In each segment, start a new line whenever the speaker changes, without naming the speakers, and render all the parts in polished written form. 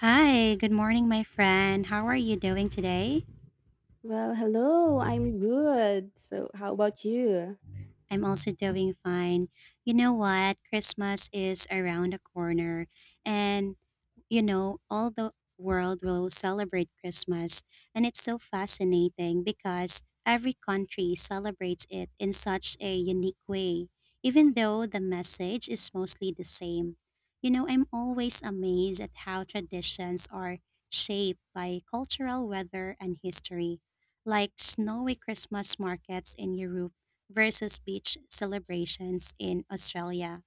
Hi, good morning, my friend. How are you doing today?
Well, hello. I'm good. So, how about you?
I'm also doing fine. You know what? Christmas is around the corner, and all the world will celebrate Christmas. And it's so fascinating because every country celebrates it in such a unique way, even though the message is mostly the same. I'm always amazed at how traditions are shaped by cultural weather and history, like snowy Christmas markets in Europe versus beach celebrations in Australia.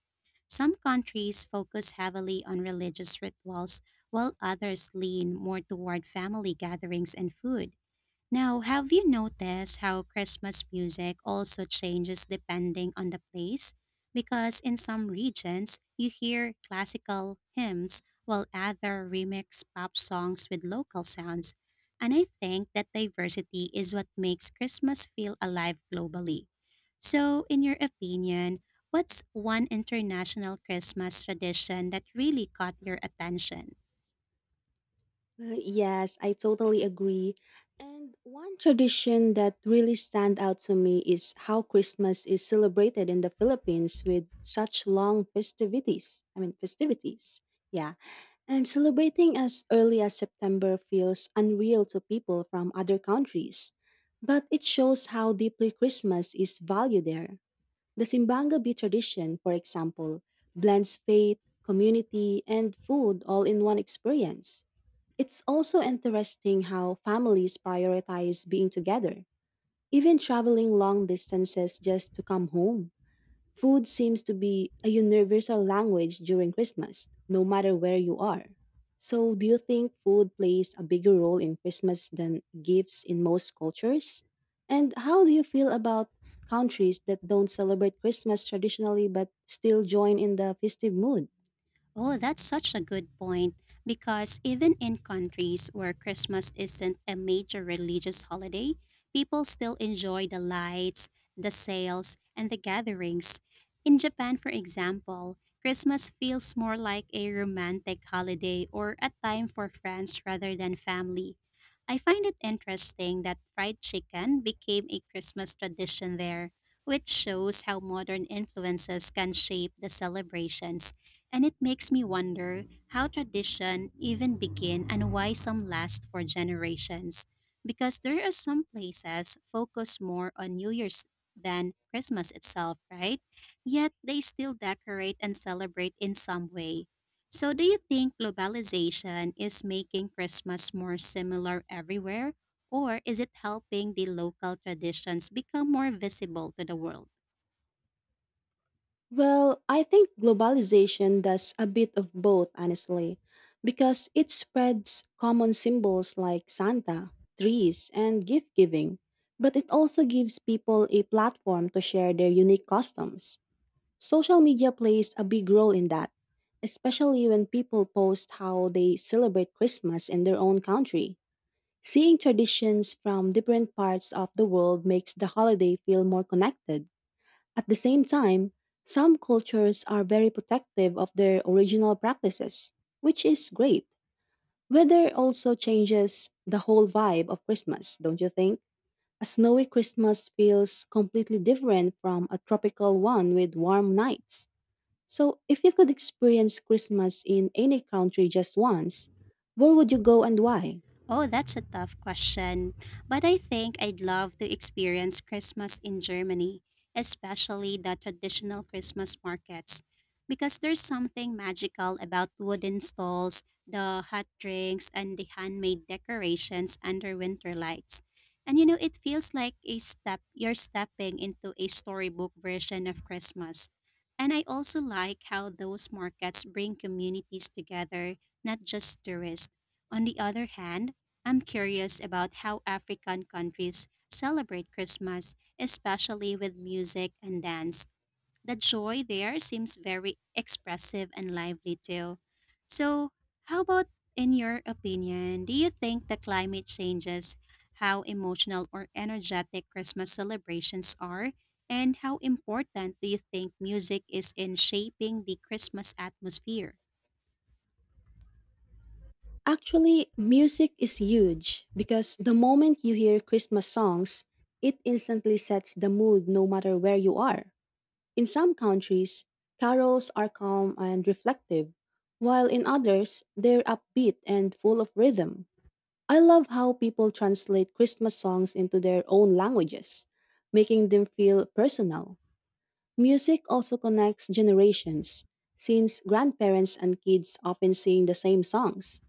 Some countries focus heavily on religious rituals, while others lean more toward family gatherings and food. Now, have you noticed how Christmas music also changes depending on the place? Because in some regions, you hear classical hymns while other remix pop songs with local sounds. And I think that diversity is what makes Christmas feel alive globally. So, in your opinion, what's one international Christmas tradition that really caught your attention?
Well, yes, I totally agree. And one tradition that really stand out to me is how Christmas is celebrated in the Philippines with such long festivities. Festivities. Yeah. And celebrating as early as September feels unreal to people from other countries. But it shows how deeply Christmas is valued there. The Simbanga Bee tradition, for example, blends faith, community, and food all in one experience. It's also interesting how families prioritize being together, even traveling long distances just to come home. Food seems to be a universal language during Christmas, no matter where you are. So, do you think food plays a bigger role in Christmas than gifts in most cultures? And how do you feel about countries that don't celebrate Christmas traditionally but still join in the festive mood?
Oh, that's such a good point because even in countries where Christmas isn't a major religious holiday, people still enjoy the lights, the sales, and the gatherings. In Japan, for example, Christmas feels more like a romantic holiday or a time for friends rather than family. I find it interesting that fried chicken became a Christmas tradition there, which shows how modern influences can shape the celebrations, and it makes me wonder how tradition even begin and why some last for generations, because there are some places focus more on New Year's than Christmas itself, right? Yet they still decorate and celebrate in some way. So, do you think globalization is making Christmas more similar everywhere, or is it helping the local traditions become more visible to the world?
Well, I think globalization does a bit of both, honestly, because it spreads common symbols like Santa, trees, and gift giving, but it also gives people a platform to share their unique customs. Social media plays a big role in that, especially when people post how they celebrate Christmas in their own country. Seeing traditions from different parts of the world makes the holiday feel more connected. At the same time, some cultures are very protective of their original practices, which is great. Weather also changes the whole vibe of Christmas, don't you think? A snowy Christmas feels completely different from a tropical one with warm nights. So, if you could experience Christmas in any country just once, where would you go and why?
Oh, that's a tough question. But I think I'd love to experience Christmas in Germany, especially the traditional Christmas markets, because there's something magical about wooden stalls, the hot drinks, and the handmade decorations under winter lights. And you know, it feels like a step you're stepping into a storybook version of Christmas. And I also like how those markets bring communities together, not just tourists. On the other hand, I'm curious about how African countries celebrate Christmas, especially with music and dance. The joy there seems very expressive and lively too. So, how about, in your opinion, do you think the climate changes how emotional or energetic Christmas celebrations are? And how important do you think music is in shaping the Christmas atmosphere?
Actually, music is huge because the moment you hear Christmas songs, it instantly sets the mood no matter where you are. In some countries, carols are calm and reflective, while in others, they're upbeat and full of rhythm. I love how people translate Christmas songs into their own languages, making them feel personal. Music also connects generations, since grandparents and kids often sing the same songs.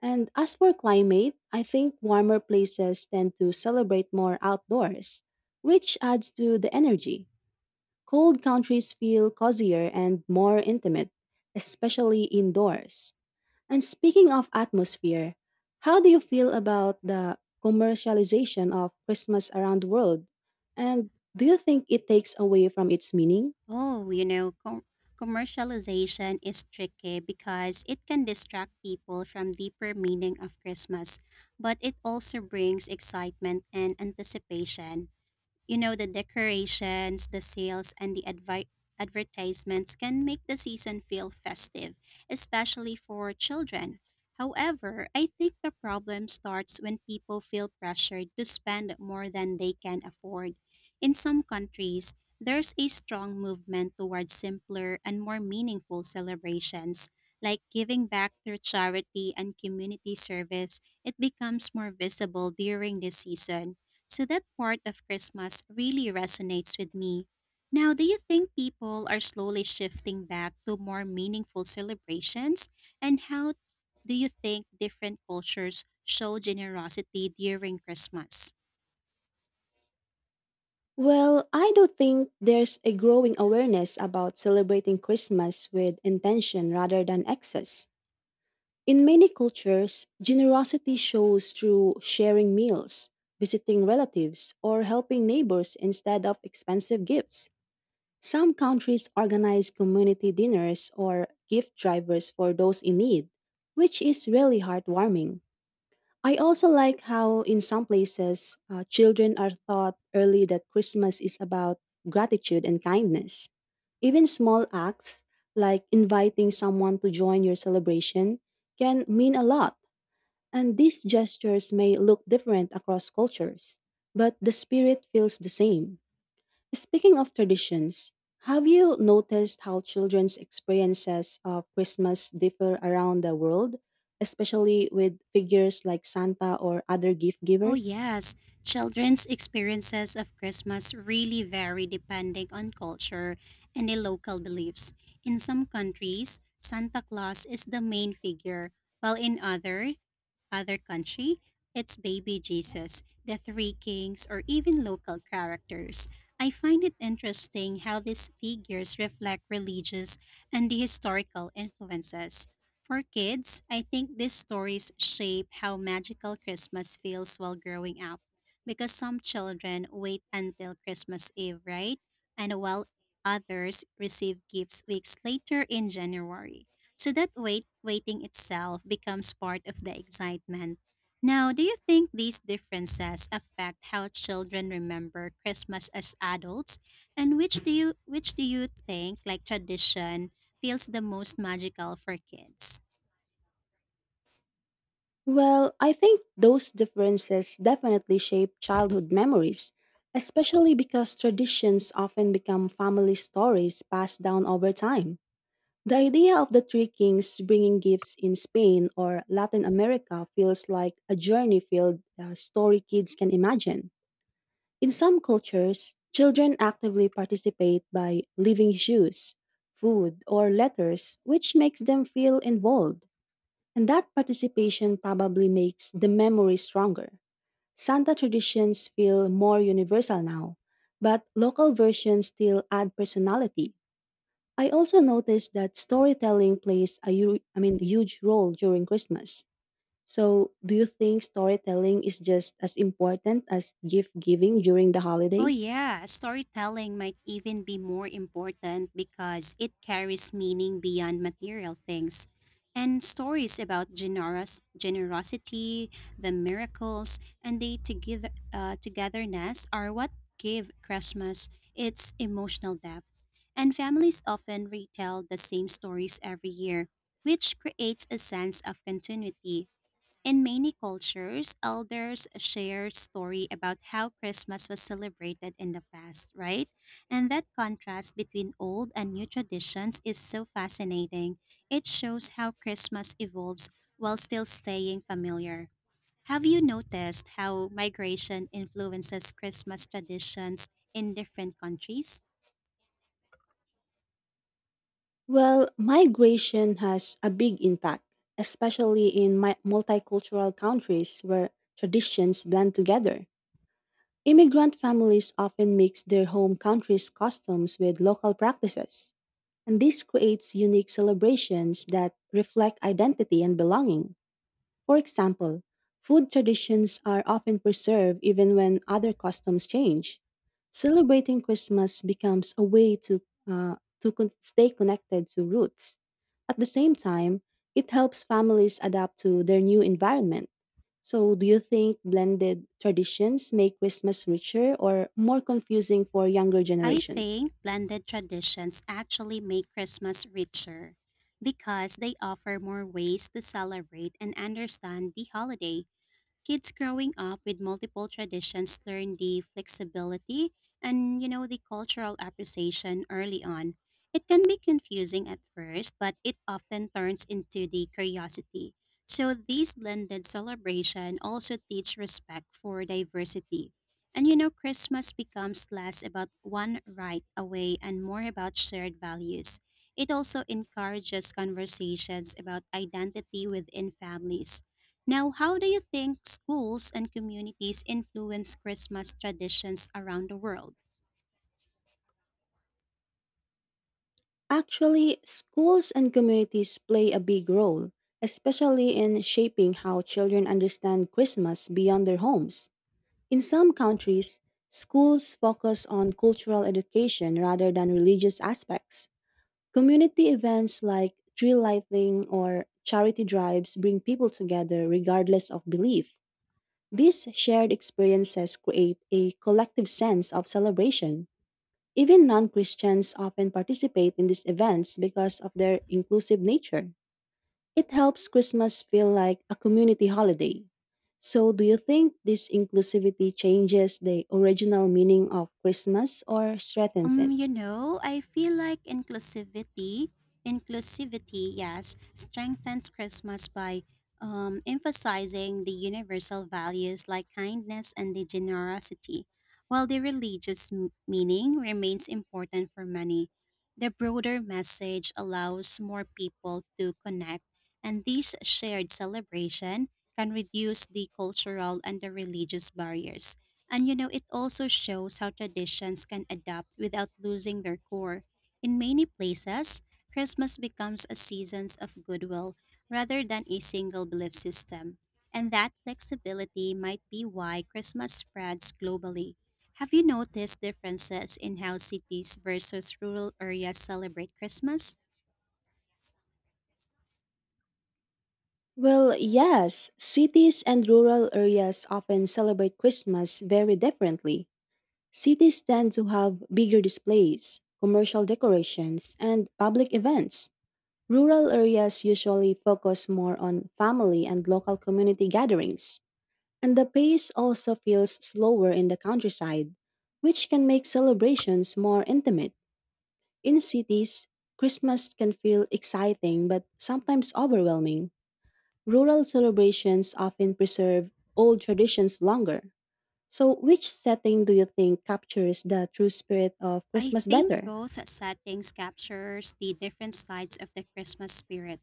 And as for climate, I think warmer places tend to celebrate more outdoors, which adds to the energy. Cold countries feel cozier and more intimate, especially indoors. And speaking of atmosphere, how do you feel about the commercialization of Christmas around the world? And do you think it takes away from its meaning?
Oh, you know, commercialization is tricky because it can distract people from deeper meaning of Christmas, but it also brings excitement and anticipation. You know, the decorations, the sales, and the advertisements can make the season feel festive, especially for children. However, I think the problem starts when people feel pressured to spend more than they can afford. In some countries, there's a strong movement towards simpler and more meaningful celebrations, like giving back through charity and community service. It becomes more visible during this season. So that part of Christmas really resonates with me. Now, do you think people are slowly shifting back to more meaningful celebrations? And how do you think different cultures show generosity during Christmas?
Well, I do think there's a growing awareness about celebrating Christmas with intention rather than excess. In many cultures, generosity shows through sharing meals, visiting relatives, or helping neighbors instead of expensive gifts. Some countries organize community dinners or gift drivers for those in need, which is really heartwarming. I also like how, in some places, children are taught early that Christmas is about gratitude and kindness. Even small acts, like inviting someone to join your celebration, can mean a lot. And these gestures may look different across cultures, but the spirit feels the same. Speaking of traditions, have you noticed how children's experiences of Christmas differ around the world, especially with figures like Santa or other gift
Oh,
givers?
yes. Children's experiences of Christmas really vary depending on culture and the local beliefs. In some countries, Santa Claus is the main figure, while in other. Other country, it's baby Jesus, the three kings, or even local characters. I find it interesting how these figures reflect religious and the historical influences. For kids, I think these stories shape how magical Christmas feels while growing up, because some children wait until Christmas Eve, right? And while others receive gifts weeks later in January. So that waiting itself becomes part of the excitement. Now, do you think these differences affect how children remember Christmas as adults? And which do you think like tradition feels the most magical for kids?
Well, I think those differences definitely shape childhood memories, especially because traditions often become family stories passed down over time. The idea of the three kings bringing gifts in Spain or Latin America feels like a journey filled story kids can imagine. In some cultures, children actively participate by leaving shoes, food, or letters, which makes them feel involved. And that participation probably makes the memory stronger. Santa traditions feel more universal now, but local versions still add personality. I also noticed that storytelling plays a huge role during Christmas. So, do you think storytelling is just as important as gift giving during the
Oh,
holidays?
yeah. Storytelling might even be more important because it carries meaning beyond material things. And stories about generosity, the miracles, and the togetherness are what give Christmas its emotional depth. And families often retell the same stories every year, which creates a sense of continuity. In many cultures, elders share story about how Christmas was celebrated in the past, right? And that contrast between old and new traditions is so fascinating. It shows how Christmas evolves while still staying familiar. Have you noticed how migration influences Christmas traditions in different countries?
Well, migration has a big impact, especially in multicultural countries where traditions blend together. Immigrant families often mix their home country's customs with local practices, and this creates unique celebrations that reflect identity and belonging. For example, food traditions are often preserved even when other customs change. Celebrating Christmas becomes a way to stay connected to roots. At the same time, it helps families adapt to their new environment. So, do you think blended traditions make Christmas richer or more confusing for younger
I
generations?
think blended traditions actually make Christmas richer because they offer more ways to celebrate and understand the holiday. Kids growing up with multiple traditions learn the flexibility and, you know, the cultural appreciation early on. It can be confusing at first, but it often turns into the curiosity. So these blended celebration also teach respect for diversity. And you know, Christmas becomes less about one right away and more about shared values. It also encourages conversations about identity within families. Now, how do you think schools and communities influence Christmas traditions around the world?
Actually, schools and communities play a big role, especially in shaping how children understand Christmas beyond their homes. In some countries, schools focus on cultural education rather than religious aspects. Community events like tree lighting or charity drives bring people together regardless of belief. These shared experiences create a collective sense of celebration. Even non Christians often participate in these events because of their inclusive nature. It helps Christmas feel like a community holiday. So, do you think this inclusivity changes the original meaning of Christmas or strengthens it?
You know, I feel like inclusivity, yes, strengthens Christmas by emphasizing the universal values like kindness and the generosity, while the religious meaning remains important for many. The broader message allows more people to connect, and this shared celebration can reduce the cultural and the religious barriers. And you know, it also shows how traditions can adapt without losing their core. In many places, Christmas becomes a season of goodwill rather than a single belief system. And that flexibility might be why Christmas spreads globally. Have you noticed differences in how cities versus rural areas celebrate Christmas?
Well, yes, cities and rural areas often celebrate Christmas very differently. Cities tend to have bigger displays, commercial decorations, and public events. Rural areas usually focus more on family and local community gatherings, and the pace also feels slower in the countryside, which can make celebrations more intimate. In cities, Christmas can feel exciting but sometimes overwhelming. Rural celebrations often preserve old traditions longer. So, which setting do you think captures the true spirit of
I
Christmas
think
better?
both settings captures the different sides of the Christmas spirit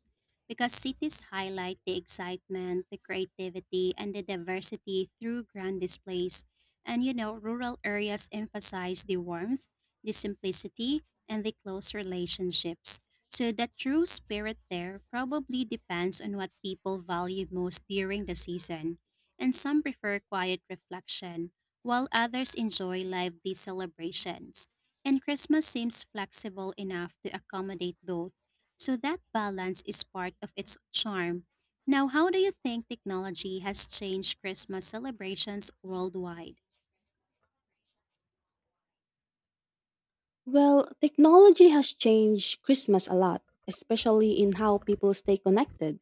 because cities highlight the excitement, the creativity, and the diversity through grand displays. And you know, rural areas emphasize the warmth, the simplicity, and the close relationships. So the true spirit there probably depends on what people value most during the season. And some prefer quiet reflection, while others enjoy lively celebrations. And Christmas seems flexible enough to accommodate both, so that balance is part of its charm. Now, how do you think technology has changed Christmas celebrations worldwide?
Well, technology has changed Christmas a lot, especially in how people stay connected.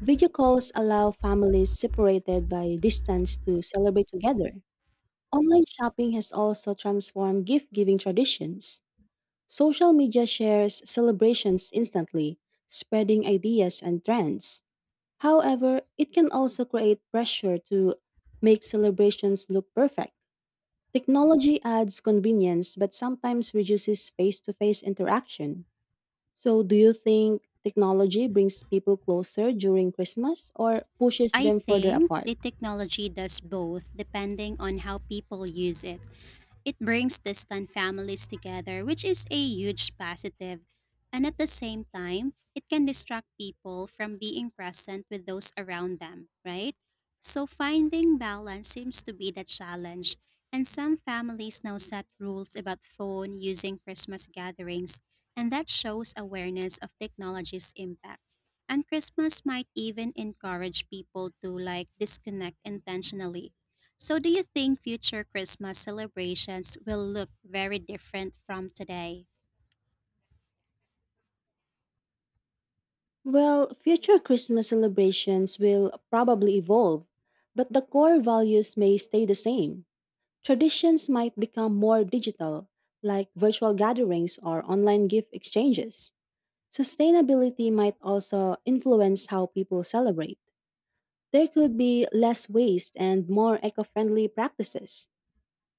Video calls allow families separated by distance to celebrate together. Online shopping has also transformed gift giving traditions. Social media shares celebrations instantly, spreading ideas and trends. However, it can also create pressure to make celebrations look perfect. Technology adds convenience but sometimes reduces face to face interaction. So, do you think technology brings people closer during Christmas or pushes
I
them further
think
apart?
the technology does both depending on how people use it. It brings distant families together, which is a huge positive, and at the same time, it can distract people from being present with those around them, right? So finding balance seems to be the challenge, and some families now set rules about phone using Christmas gatherings, and that shows awareness of technology's impact. And Christmas might even encourage people to like disconnect intentionally. So, do you think future Christmas celebrations will look very different from today?
Well, future Christmas celebrations will probably evolve, but the core values may stay the same. Traditions might become more digital, like virtual gatherings or online gift exchanges. Sustainability might also influence how people celebrate. There could be less waste and more eco friendly practices.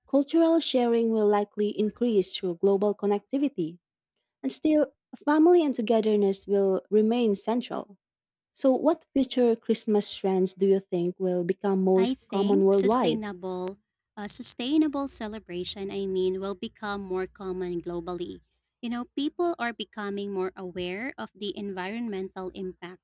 Cultural sharing will likely increase through global connectivity, and still, family and togetherness will remain central. So, what future Christmas trends do you think will become
I
most common
think
worldwide?
sustainable a sustainable celebration I mean will become more common globally. You know, people are becoming more aware of the environmental impact,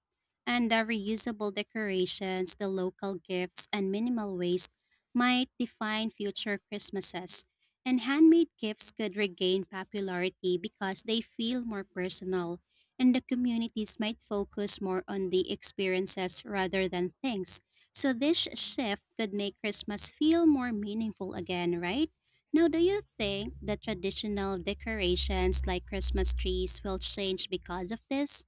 and the reusable decorations, the local gifts and minimal waste might define future Christmases. And handmade gifts could regain popularity because they feel more personal, and the communities might focus more on the experiences rather than things. So this shift could make Christmas feel more meaningful again, right? Now, do you think the traditional decorations like Christmas trees will change because of this?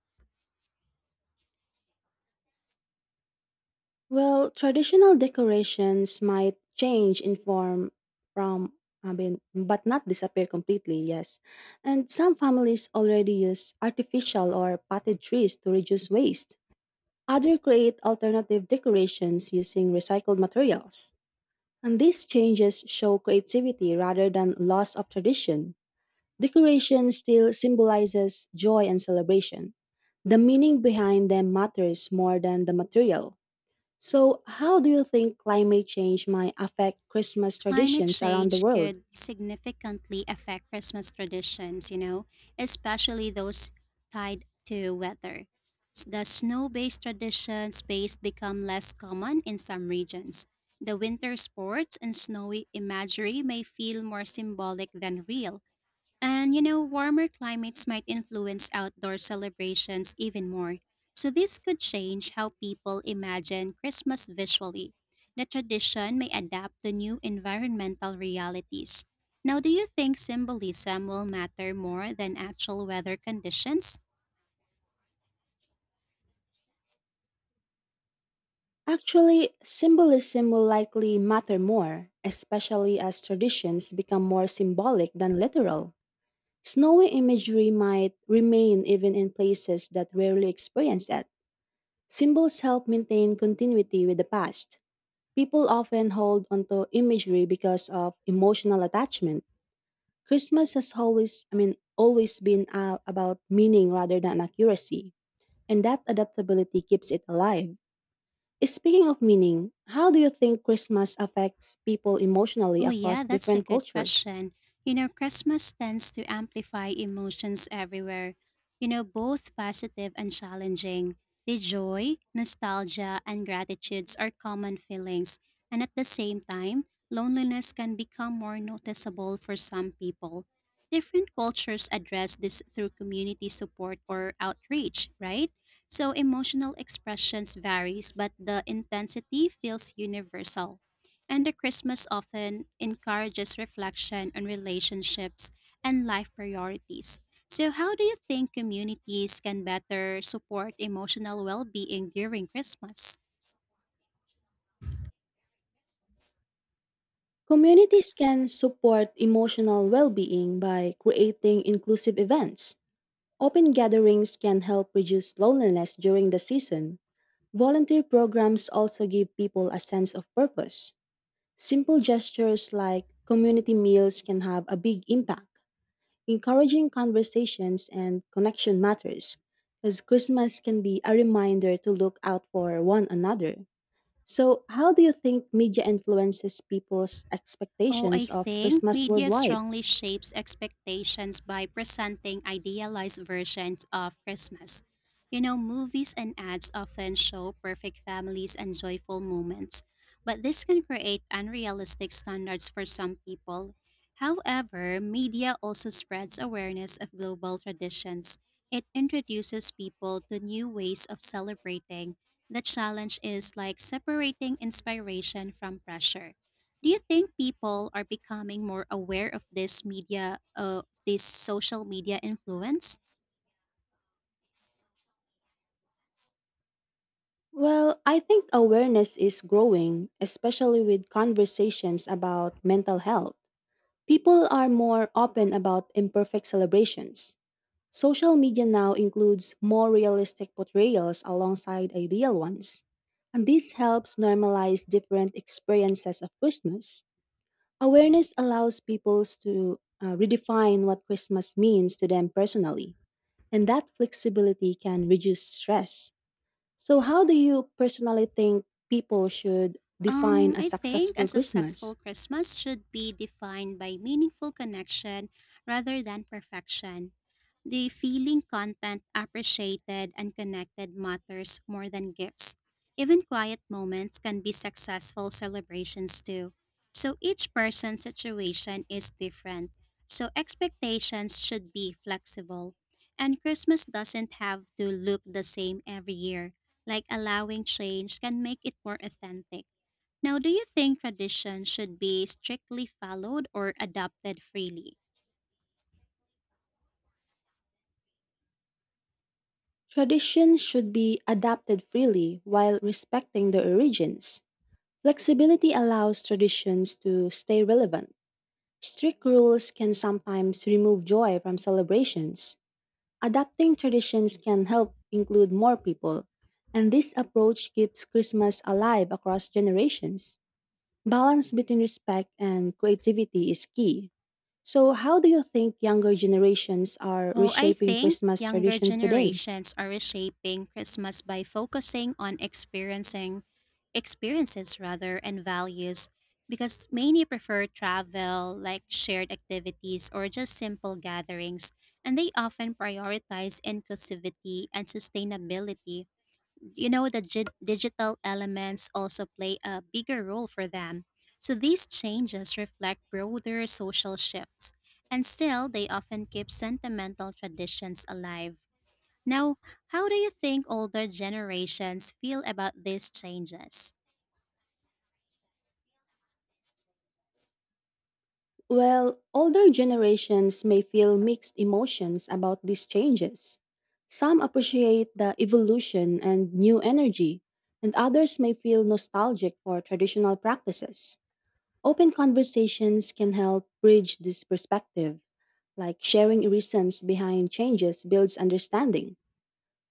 Well, traditional decorations might change in form from, but not disappear completely, yes. And some families already use artificial or potted trees to reduce waste. Others create alternative decorations using recycled materials. And these changes show creativity rather than loss of tradition. Decoration still symbolizes joy and celebration. The meaning behind them matters more than the material. So, how do you think climate change might affect Christmas
Climate
traditions around the
change
world?
could significantly affect Christmas traditions, you know, especially those tied to weather. The snow based traditions based become less common in some regions. The winter sports and snowy imagery may feel more symbolic than real. And you know, warmer climates might influence outdoor celebrations even more. So, this could change how people imagine Christmas visually. The tradition may adapt to new environmental realities. Now, do you think symbolism will matter more than actual weather conditions?
Actually, symbolism will likely matter more, especially as traditions become more symbolic than literal. Snowy imagery might remain even in places that rarely experience it. Symbols help maintain continuity with the past. People often hold onto imagery because of emotional attachment. Christmas has always been about meaning rather than accuracy, and that adaptability keeps it alive. Speaking of meaning, how do you think Christmas affects people emotionally
Oh, yeah,
across
that's a
different
good
cultures?
question. You know, Christmas tends to amplify emotions everywhere, you know, both positive and challenging. The joy, nostalgia, and gratitudes are common feelings, and at the same time, loneliness can become more noticeable for some people. Different cultures address this through community support or outreach, right? So emotional expressions varies, but the intensity feels universal, and the Christmas often encourages reflection on relationships and life priorities. So, how do you think communities can better support emotional well being during Christmas?
Communities can support emotional well being by creating inclusive events. Open gatherings can help reduce loneliness during the season. Volunteer programs also give people a sense of purpose. Simple gestures like community meals can have a big impact. Encouraging conversations and connection matters, because Christmas can be a reminder to look out for one another. So, how do you think media influences people's
Oh, I
expectations of
think
Christmas
media
worldwide?
strongly shapes expectations by presenting idealized versions of Christmas. You know, movies and ads often show perfect families and joyful moments, but this can create unrealistic standards for some people. However, media also spreads awareness of global traditions. It introduces people to new ways of celebrating. The challenge is like separating inspiration from pressure. Do you think people are becoming more aware of this media, of this social media influence?
Well, I think awareness is growing, especially with conversations about mental health. People are more open about imperfect celebrations. Social media now includes more realistic portrayals alongside ideal ones, and this helps normalize different experiences of Christmas. Awareness allows people to redefine what Christmas means to them personally, and that flexibility can reduce stress. So, how do you personally think people should define a
I think a
successful
successful
Christmas?
Christmas should be defined by meaningful connection rather than perfection. The feeling content appreciated and connected matters more than gifts. Even quiet moments can be successful celebrations too. So each person's situation is different. So expectations should be flexible. And Christmas doesn't have to look the same every year. Like allowing change can make it more authentic. Now, do you think tradition should be strictly followed or adopted freely?
Traditions should be adapted freely while respecting their origins. Flexibility allows traditions to stay relevant. Strict rules can sometimes remove joy from celebrations. Adapting traditions can help include more people, and this approach keeps Christmas alive across generations. Balance between respect and creativity is key. So, how do you think younger generations are
Oh, I
reshaping
think
Christmas
younger
traditions today?
generations are reshaping Christmas by focusing on experiencing experiences rather and values because many prefer travel, like shared activities or just simple gatherings, and they often prioritize inclusivity and sustainability. You know, the digital elements also play a bigger role for them, so these changes reflect broader social shifts, and still they often keep sentimental traditions alive. Now, how do you think older generations feel about these changes?
Well, older generations may feel mixed emotions about these changes. Some appreciate the evolution and new energy, and others may feel nostalgic for traditional practices. Open conversations can help bridge this perspective, like sharing reasons behind changes builds understanding.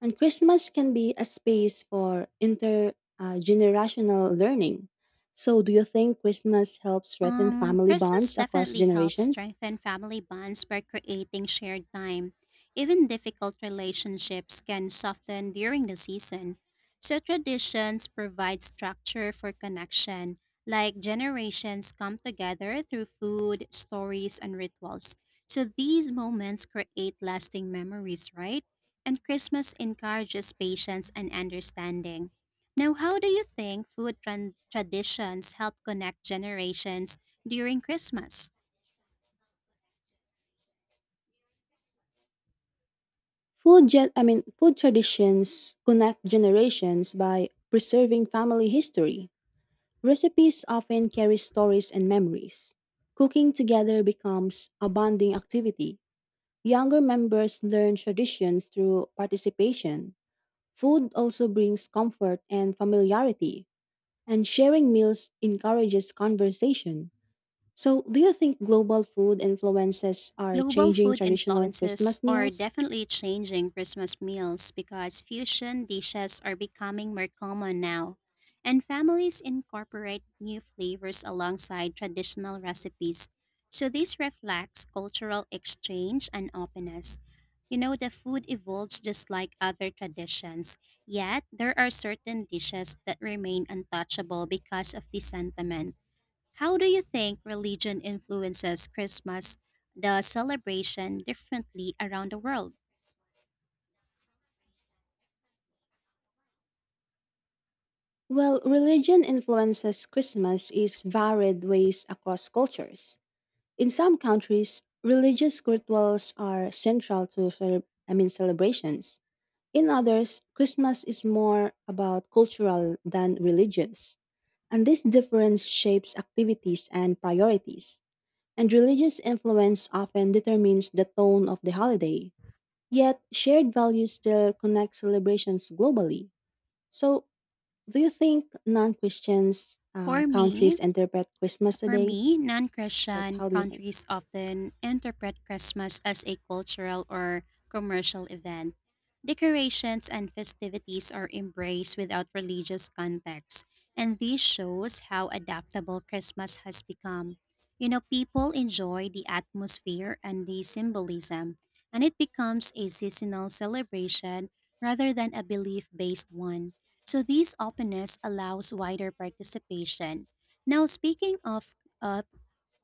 And Christmas can be a space for intergenerational learning. So, do you think Christmas helps strengthen family
Christmas
bonds across
definitely helps
generations?
strengthen family bonds by creating shared time. Even difficult relationships can soften during the season. So traditions provide structure for connection, like generations come together through food, stories, and rituals. So these moments create lasting memories, right? And Christmas encourages patience and understanding. Now, how do you think traditions help connect generations during Christmas?
Food traditions connect generations by preserving family history. Recipes often carry stories and memories. Cooking together becomes a bonding activity. Younger members learn traditions through participation. Food also brings comfort and familiarity, and sharing meals encourages conversation. So, do you think global food influences are
Global
changing
food
traditional
influences
Christmas
are
meals?
definitely changing Christmas meals because fusion dishes are becoming more common now, and families incorporate new flavors alongside traditional recipes. So, this reflects cultural exchange and openness. You know, the food evolves just like other traditions, yet there are certain dishes that remain untouchable because of the sentiment. How do you think religion influences Christmas, the celebration, differently around the world?
Well, religion influences Christmas is varied ways across cultures. In some countries, religious rituals are central to celebrations. In others, Christmas is more about cultural than religious. And this difference shapes activities and priorities. And religious influence often determines the tone of the holiday. Yet, shared values still connect celebrations globally. So, do you think non Christians
For
countries
me,
interpret Christmas
For
today?
me, non
Like,
Christian
how do you think?
countries often interpret Christmas as a cultural or commercial event. Decorations and festivities are embraced without religious context, and this shows how adaptable Christmas has become. You know, people enjoy the atmosphere and the symbolism, and it becomes a seasonal celebration rather than a belief based one. So, this openness allows wider participation. Now, speaking of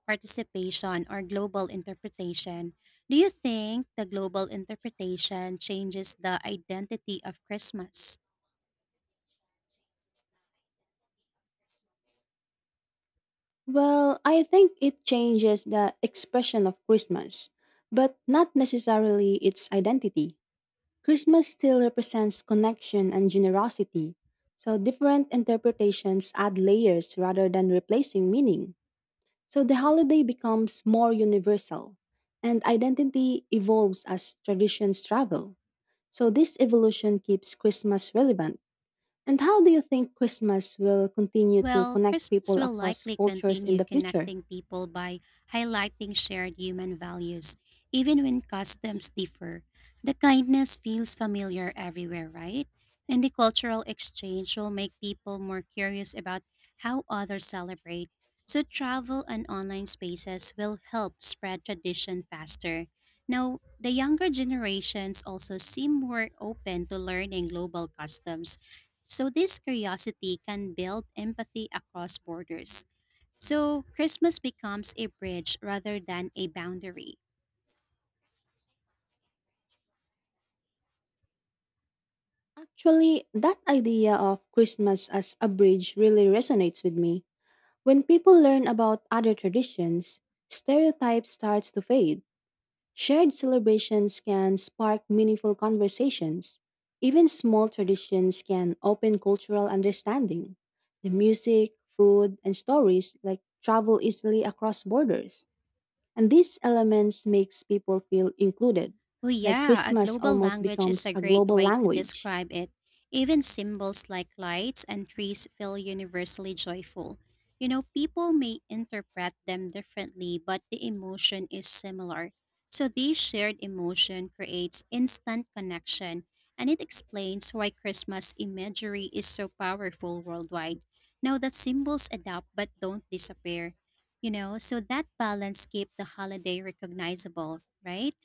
participation or global interpretation, do you think the global interpretation changes the identity of Christmas?
Well, I think it changes the expression of Christmas, but not necessarily its identity. Christmas still represents connection and generosity, so different interpretations add layers rather than replacing meaning. So the holiday becomes more universal, and identity evolves as traditions travel. So this evolution keeps Christmas relevant. And how do you think Christmas will continue to
Well,
connect
Christmas
people
will
across
likely
cultures in
continue
the future?
connecting people by highlighting shared human values, even when customs differ. The kindness feels familiar everywhere, right? And the cultural exchange will make people more curious about how others celebrate. So, travel and online spaces will help spread tradition faster. Now, the younger generations also seem more open to learning global customs, so this curiosity can build empathy across borders. So, Christmas becomes a bridge rather than a boundary.
Actually, that idea of Christmas as a bridge really resonates with me. When people learn about other traditions, stereotypes starts to fade. Shared celebrations can spark meaningful conversations. Even small traditions can open cultural understanding. The music, food, and stories like travel easily across borders. And these elements makes people feel included,
Oh
like
yeah, a
Christmas
global
almost
language is
becomes
a
a
great
global
way to
language.
describe it. Even symbols like lights and trees feel universally joyful. You know, people may interpret them differently, but the emotion is similar. So, this shared emotion creates instant connection, and it explains why Christmas imagery is so powerful worldwide. Now, that symbols adapt but don't disappear, you know, so that balance keeps the holiday recognizable, right?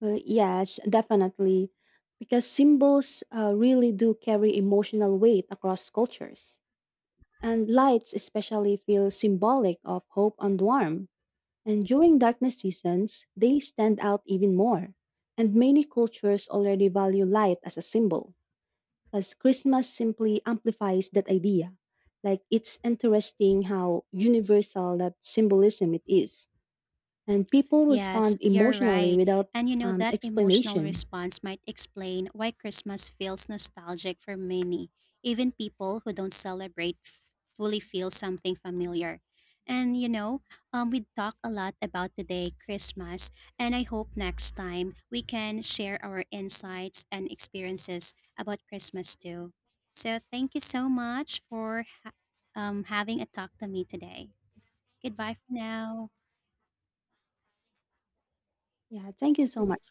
Well, yes, definitely. Because symbols really do carry emotional weight across cultures. And lights especially feel symbolic of hope and warmth. And during darkness seasons, they stand out even more. And many cultures already value light as a symbol, as Christmas simply amplifies that idea. Like it's interesting how universal that symbolism it is. And people
Yes,
respond
you're
emotionally
right.
without
And you know, that emotional
explanation.
response might explain why Christmas feels nostalgic for many. Even people who don't celebrate fully feel something familiar. And we talk a lot about today, Christmas, and I hope next time we can share our insights and experiences about Christmas too. So thank you so much for having a talk to me today. Goodbye for now.
Yeah, thank you so much.